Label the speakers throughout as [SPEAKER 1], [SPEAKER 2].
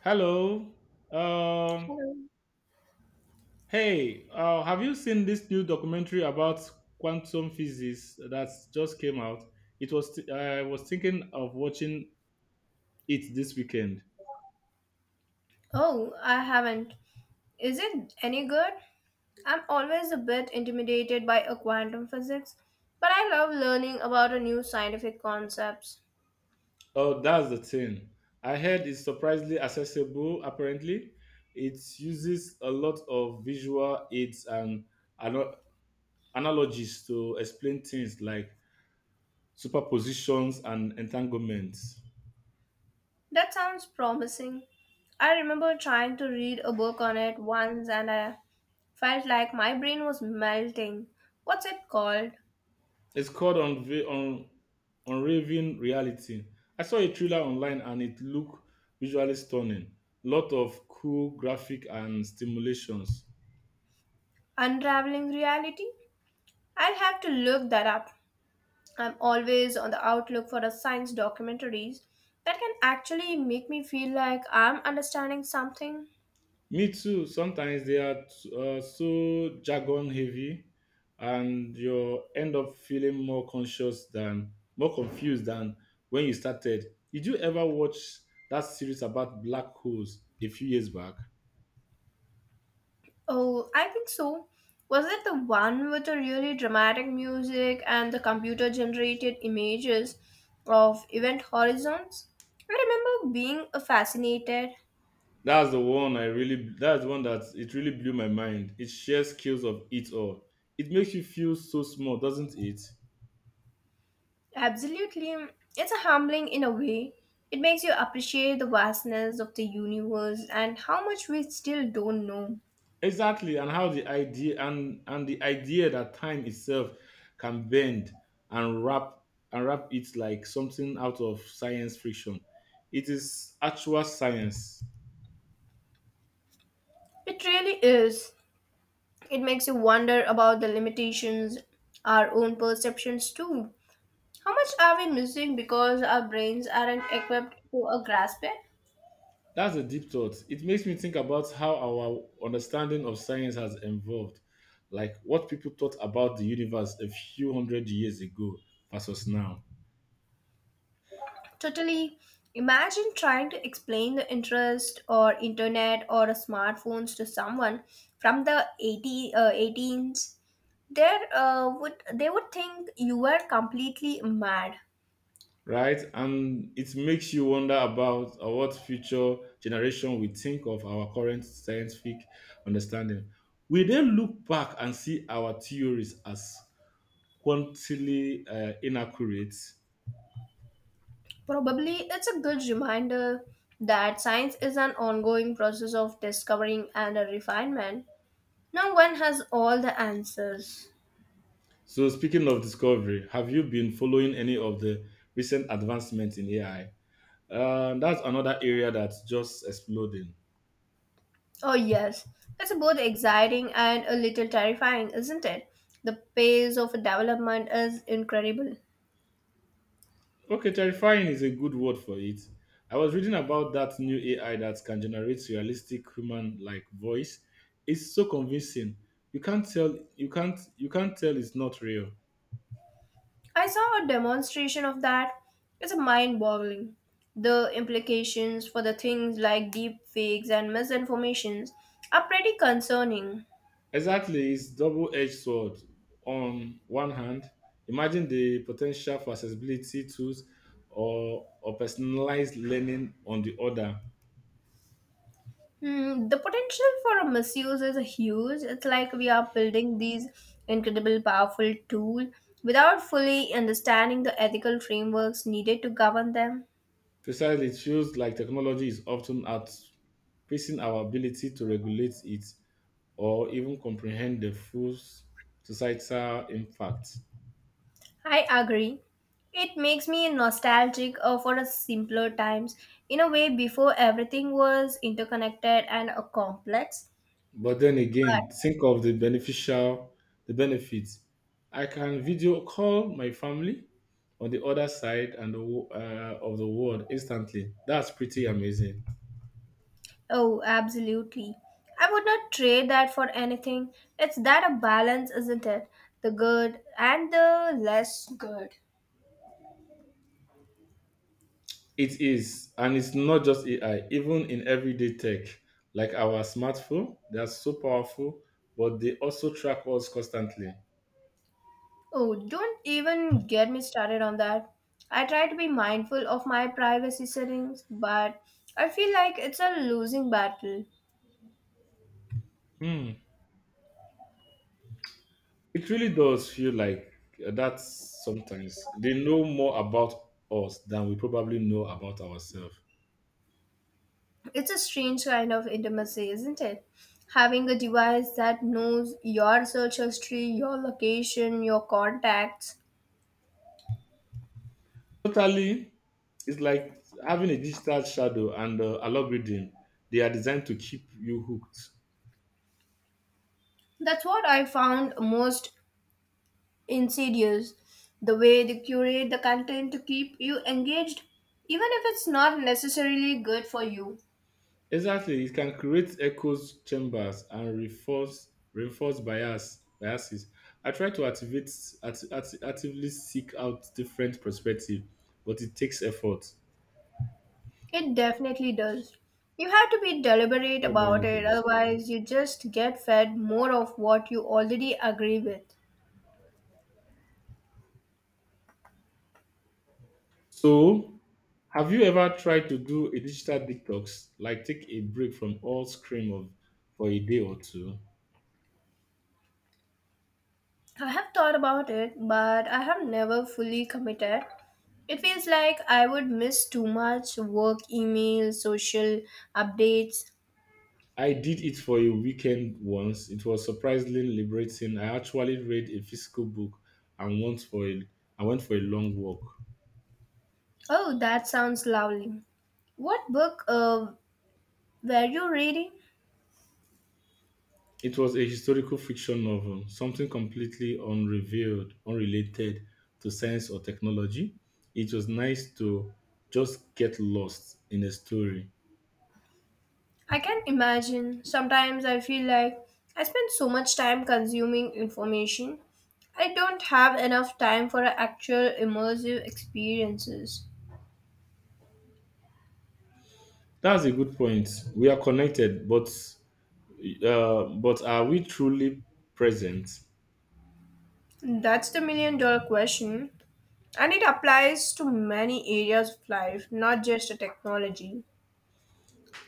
[SPEAKER 1] Hello. Um,
[SPEAKER 2] Hello.
[SPEAKER 1] have you seen this new documentary about quantum physics that just came out? It was I was thinking of watching it this weekend.
[SPEAKER 2] Oh, I haven't. Is it any good? I'm always a bit intimidated by a quantum physics, but I love learning about a new scientific concepts.
[SPEAKER 1] Oh, that's the thing. I heard it's surprisingly accessible. Apparently, it uses a lot of visual aids and ano- analogies to explain things like superpositions and entanglements.
[SPEAKER 2] That sounds promising. I remember trying to read a book on it once and I felt like my brain was melting. What's it called?
[SPEAKER 1] It's called Unraveling Reality. I saw a trailer online and it looked visually stunning. Lot of cool graphic and stimulations.
[SPEAKER 2] Unraveling reality? I'll have to look that up. I'm always on the outlook for a science documentaries that can actually make me feel like I'm understanding something.
[SPEAKER 1] Me too. Sometimes they are so jargon heavy, and you end up feeling more confused than when you started. Did you ever watch that series about black holes a few years back?
[SPEAKER 2] Oh, I think so. Was it the one with the really dramatic music and the computer generated images of event horizons? I remember being fascinated.
[SPEAKER 1] That's the one that it really blew my mind. It shares skills of it all. It makes you feel so small, doesn't it?
[SPEAKER 2] Absolutely. It's a humbling in a way. It makes you appreciate the vastness of the universe and how much we still don't know.
[SPEAKER 1] Exactly, and how the idea and the idea that time itself can bend and wrap and wrap it like something out of science fiction. It is actual science.
[SPEAKER 2] It really is. It makes you wonder about the limitations, our own perceptions too. How much are we missing because our brains aren't equipped to grasp it?
[SPEAKER 1] That's a deep thought. It makes me think about how our understanding of science has evolved, like what people thought about the universe a few hundred years ago versus now,
[SPEAKER 2] Totally. Imagine trying to explain the interest or internet or smartphones to someone from the 80, 18s. There would they would think you were completely mad.
[SPEAKER 1] right? And it makes you wonder about what future generation will think of our current scientific understanding. We then look back and see our theories as quantily inaccurate.
[SPEAKER 2] Probably it's a good reminder that science is an ongoing process of discovering and a refinement. No one has all the answers.
[SPEAKER 1] So, speaking of discovery, have you been following any of the recent advancements in AI? That's another area that's just exploding.
[SPEAKER 2] Oh, yes. It's both exciting and a little terrifying, isn't it? The pace of development is incredible.
[SPEAKER 1] Okay, terrifying is a good word for it. I was reading about that new AI that can generate realistic human-like voice. It's so convincing. You can't tell it's not real.
[SPEAKER 2] I saw a demonstration of that. It's mind boggling. The implications for the things like deep fakes and misinformations are pretty concerning.
[SPEAKER 1] Exactly, it's double-edged sword. On one hand, imagine the potential for accessibility tools or personalized learning on the other.
[SPEAKER 2] Hmm, the potential for a misuse is huge. It's like we are building these incredible, powerful tool without fully understanding the ethical frameworks needed to govern them.
[SPEAKER 1] Precisely, it feels like technology is often outpacing our ability to regulate it or even comprehend the full societal impact.
[SPEAKER 2] I agree. It makes me nostalgic for a simpler times. In a way, before everything was interconnected and complex.
[SPEAKER 1] But then
[SPEAKER 2] But
[SPEAKER 1] again, think of the beneficial, the benefits. I can video call my family on the other side of the world instantly. That's pretty amazing.
[SPEAKER 2] oh, absolutely. I would not trade that for anything. It's that a balance, isn't it? The good and the less good.
[SPEAKER 1] It is, and it's not just AI, even in everyday tech, like our smartphone, they are so powerful, but they also track us constantly.
[SPEAKER 2] Oh, don't even get me started on that. I try to be mindful of my privacy settings, but I feel like it's a losing battle.
[SPEAKER 1] Hmm. It really does feel like that sometimes. They know more about us than we probably know about ourselves.
[SPEAKER 2] It's a strange kind of intimacy, isn't it? Having a device that knows your search history, your location, your contacts.
[SPEAKER 1] Totally, it's like having a digital shadow and algorithm. They are designed to keep you hooked.
[SPEAKER 2] That's what I found most insidious. The way they curate the content to keep you engaged, even if it's not necessarily good for you.
[SPEAKER 1] Exactly, it can create echoes chambers and reinforce biases. I try to activate actively seek out different perspective, but it takes effort.
[SPEAKER 2] It definitely does. You have to be deliberate about it, otherwise, you just get fed more of what you already agree with.
[SPEAKER 1] So, have you ever tried to do a digital detox, like take a break from all screen of for a day or two?
[SPEAKER 2] I have thought about it, but I have never fully committed. It feels like I would miss too much work, emails, social updates.
[SPEAKER 1] I did it for a weekend once. It was surprisingly liberating. I actually read a physical book and went for a I went for a long walk.
[SPEAKER 2] Oh, that sounds lovely. What book were you reading?
[SPEAKER 1] It was a historical fiction novel, something completely unrelated to science or technology. It was nice to just get lost in a story.
[SPEAKER 2] I can imagine. Sometimes I feel like I spend so much time consuming information. I don't have enough time for actual immersive experiences.
[SPEAKER 1] That's a good point. We are connected, but are we truly present?
[SPEAKER 2] That's the million dollar question. And it applies to many areas of life, not just a technology.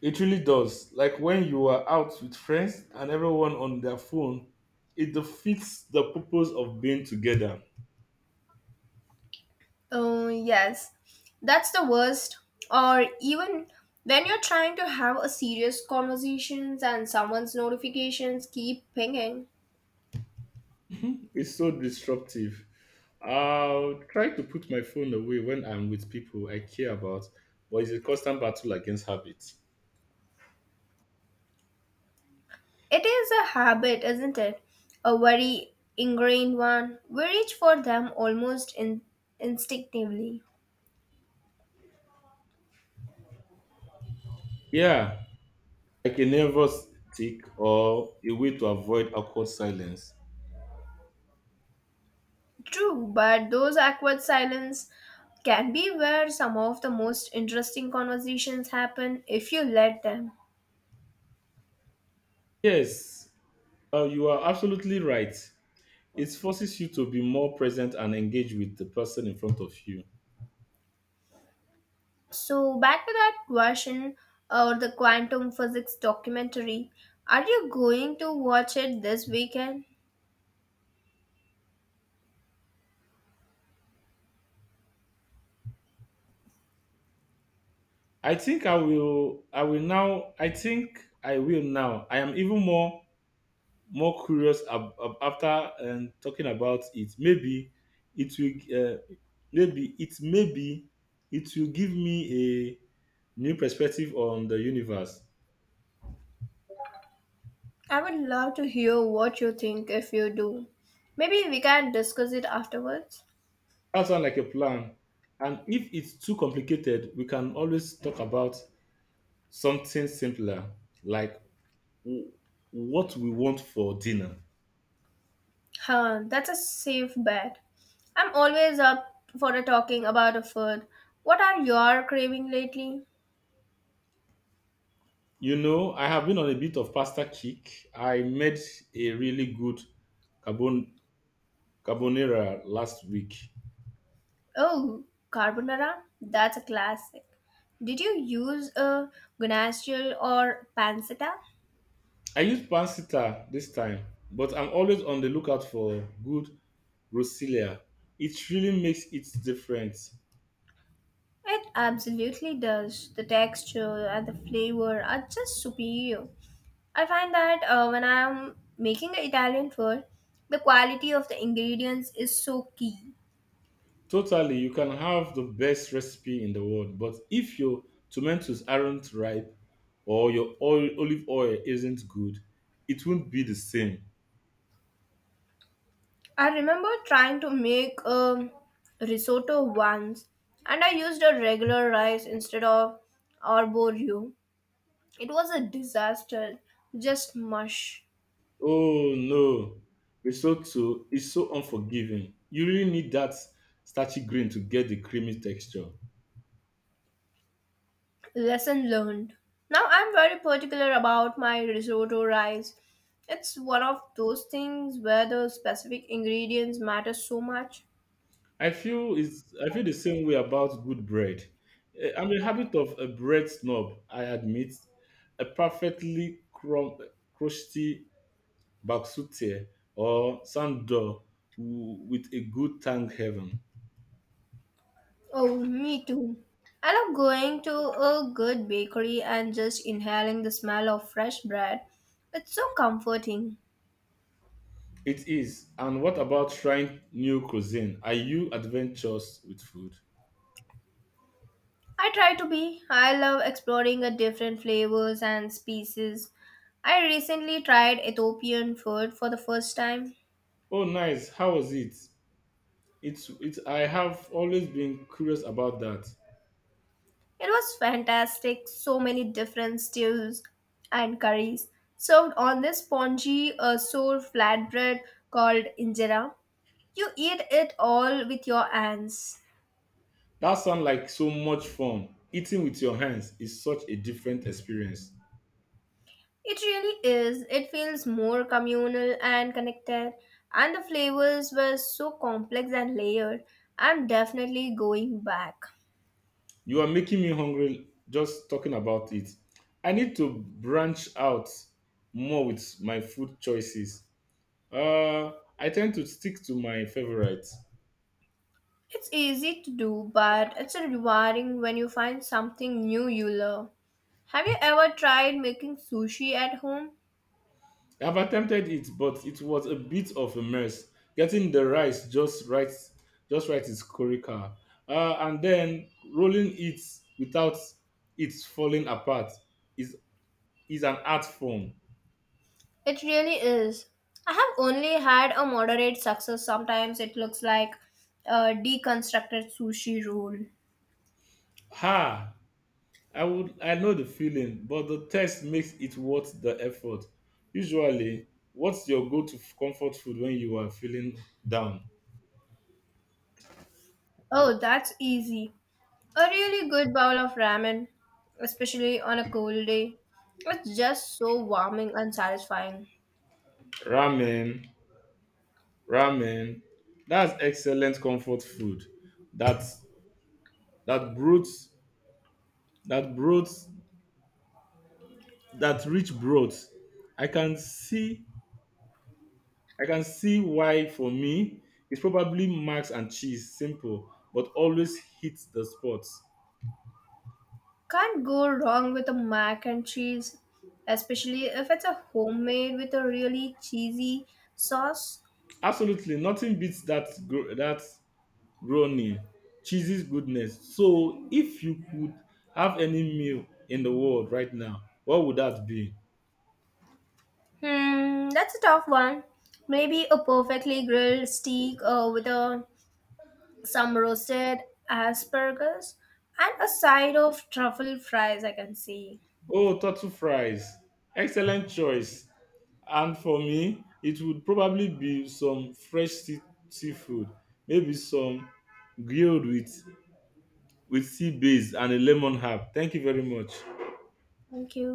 [SPEAKER 1] It really does. Like when you are out with friends and everyone on their phone, it defeats the purpose of being together.
[SPEAKER 2] Oh, yes. That's the worst. Or even when you're trying to have a serious conversations and someone's notifications keep pinging.
[SPEAKER 1] It's so disruptive. I'll try to put my phone away when I'm with people I care about, but it's a constant battle against habits.
[SPEAKER 2] It is a habit, isn't it? A very ingrained one. We reach for them almost instinctively.
[SPEAKER 1] Yeah, like a nervous tick or a way to avoid awkward silence.
[SPEAKER 2] True, but those awkward silence can be where some of the most interesting conversations happen if you let them.
[SPEAKER 1] Yes, you are absolutely right. It forces you to be more present and engage with the person in front of you.
[SPEAKER 2] So, back to that question or the quantum physics documentary. Are you going to watch it this weekend?
[SPEAKER 1] I think I will. I will now. I think I will now. I am even more more curious after talking about it. It will. Uh, maybe it will give me a new perspective on the universe.
[SPEAKER 2] I would love to hear what you think if you do. Maybe we can discuss it afterwards.
[SPEAKER 1] That sounds like a plan. And if it's too complicated, we can always talk about something simpler, like w- what we want for dinner.
[SPEAKER 2] Huh, that's a safe bet. I'm always up for a talking about a food. What are your craving lately?
[SPEAKER 1] You know, I have been on a bit of pasta kick. I made a really good carbon carbonara last week.
[SPEAKER 2] Oh, carbonara? That's a classic. Did you use a guanciale or pancetta?
[SPEAKER 1] I use pansita this time, but I'm always on the lookout for good Roselia. It really makes it different.
[SPEAKER 2] It absolutely does. The texture and the flavor are just superior. I find that when I'm making Italian food, the quality of the ingredients is so key.
[SPEAKER 1] Totally, you can have the best recipe in the world, but if your tomatoes aren't ripe or olive oil isn't good, it won't be the same.
[SPEAKER 2] I remember trying to make a risotto once, and I used a regular rice instead of arborio. It was a disaster, just mush.
[SPEAKER 1] Oh no, risotto is so unforgiving. You really need that starchy green to get the creamy texture.
[SPEAKER 2] Lesson learned. Now I'm very particular about my risotto rice. It's one of those things where the specific ingredients matter so much.
[SPEAKER 1] I feel the same way about good bread. Eh, I'm a habit of a bread snob. I admit a perfectly crumb, crusty baksute or sando with a good thank heaven.
[SPEAKER 2] Oh, me too. I love going to a good bakery and just inhaling the smell of fresh bread. It's so comforting.
[SPEAKER 1] It is. And what about trying new cuisine? Are you adventurous with food?
[SPEAKER 2] I try to be. I love exploring a different flavors and species. I recently tried Ethiopian food for the first time.
[SPEAKER 1] Oh, nice. How was it? It's it. I have always been curious about that.
[SPEAKER 2] It was fantastic. So many different stews and curries served on this spongy, sour flatbread called injera. You eat it all with your hands.
[SPEAKER 1] That sounds like so much fun. Eating with your hands is such a different experience.
[SPEAKER 2] It really is. It feels more communal and connected, and the flavors were so complex and layered. I'm definitely going back.
[SPEAKER 1] You are making me hungry just talking about it. I need to branch out more with my food choices. Uh, I tend to stick to my favorites.
[SPEAKER 2] It's easy to do, but it's rewarding when you find something new you love. Have you ever tried making sushi at home?
[SPEAKER 1] I've attempted it, but it was a bit of a mess. Getting the rice just right is critical. And then rolling it without it falling apart is is an art form.
[SPEAKER 2] It really is. I have only had a moderate success. Sometimes it looks like a deconstructed sushi roll.
[SPEAKER 1] Ha! I know the feeling, but the text makes it worth the effort. Usually, what's your comfort food when you are feeling down?
[SPEAKER 2] Oh, that's easy. A really good bowl of ramen, especially on a cold day. It's just so warming and satisfying.
[SPEAKER 1] Ramen, ramen. That's excellent comfort food. That that broth, that broth, that rich broth. I can see I can see why for me it's probably max and cheese, simple, but always hits the spots.
[SPEAKER 2] Can't go wrong with a mac and cheese, especially if it's a homemade with a really cheesy sauce.
[SPEAKER 1] Absolutely, nothing beats that brownie, cheesy's goodness. So if you could have any meal in the world right now, what would that be?
[SPEAKER 2] Hmm, that's a tough one. Maybe a perfectly grilled steak with a, some roasted asparagus and a side of truffle fries, I can see.
[SPEAKER 1] Oh, turtle fries. Excellent choice. And for me, it would probably be some fresh seafood, maybe some grilled with sea bass and a lemon herb. Thank you very much.
[SPEAKER 2] Thank you.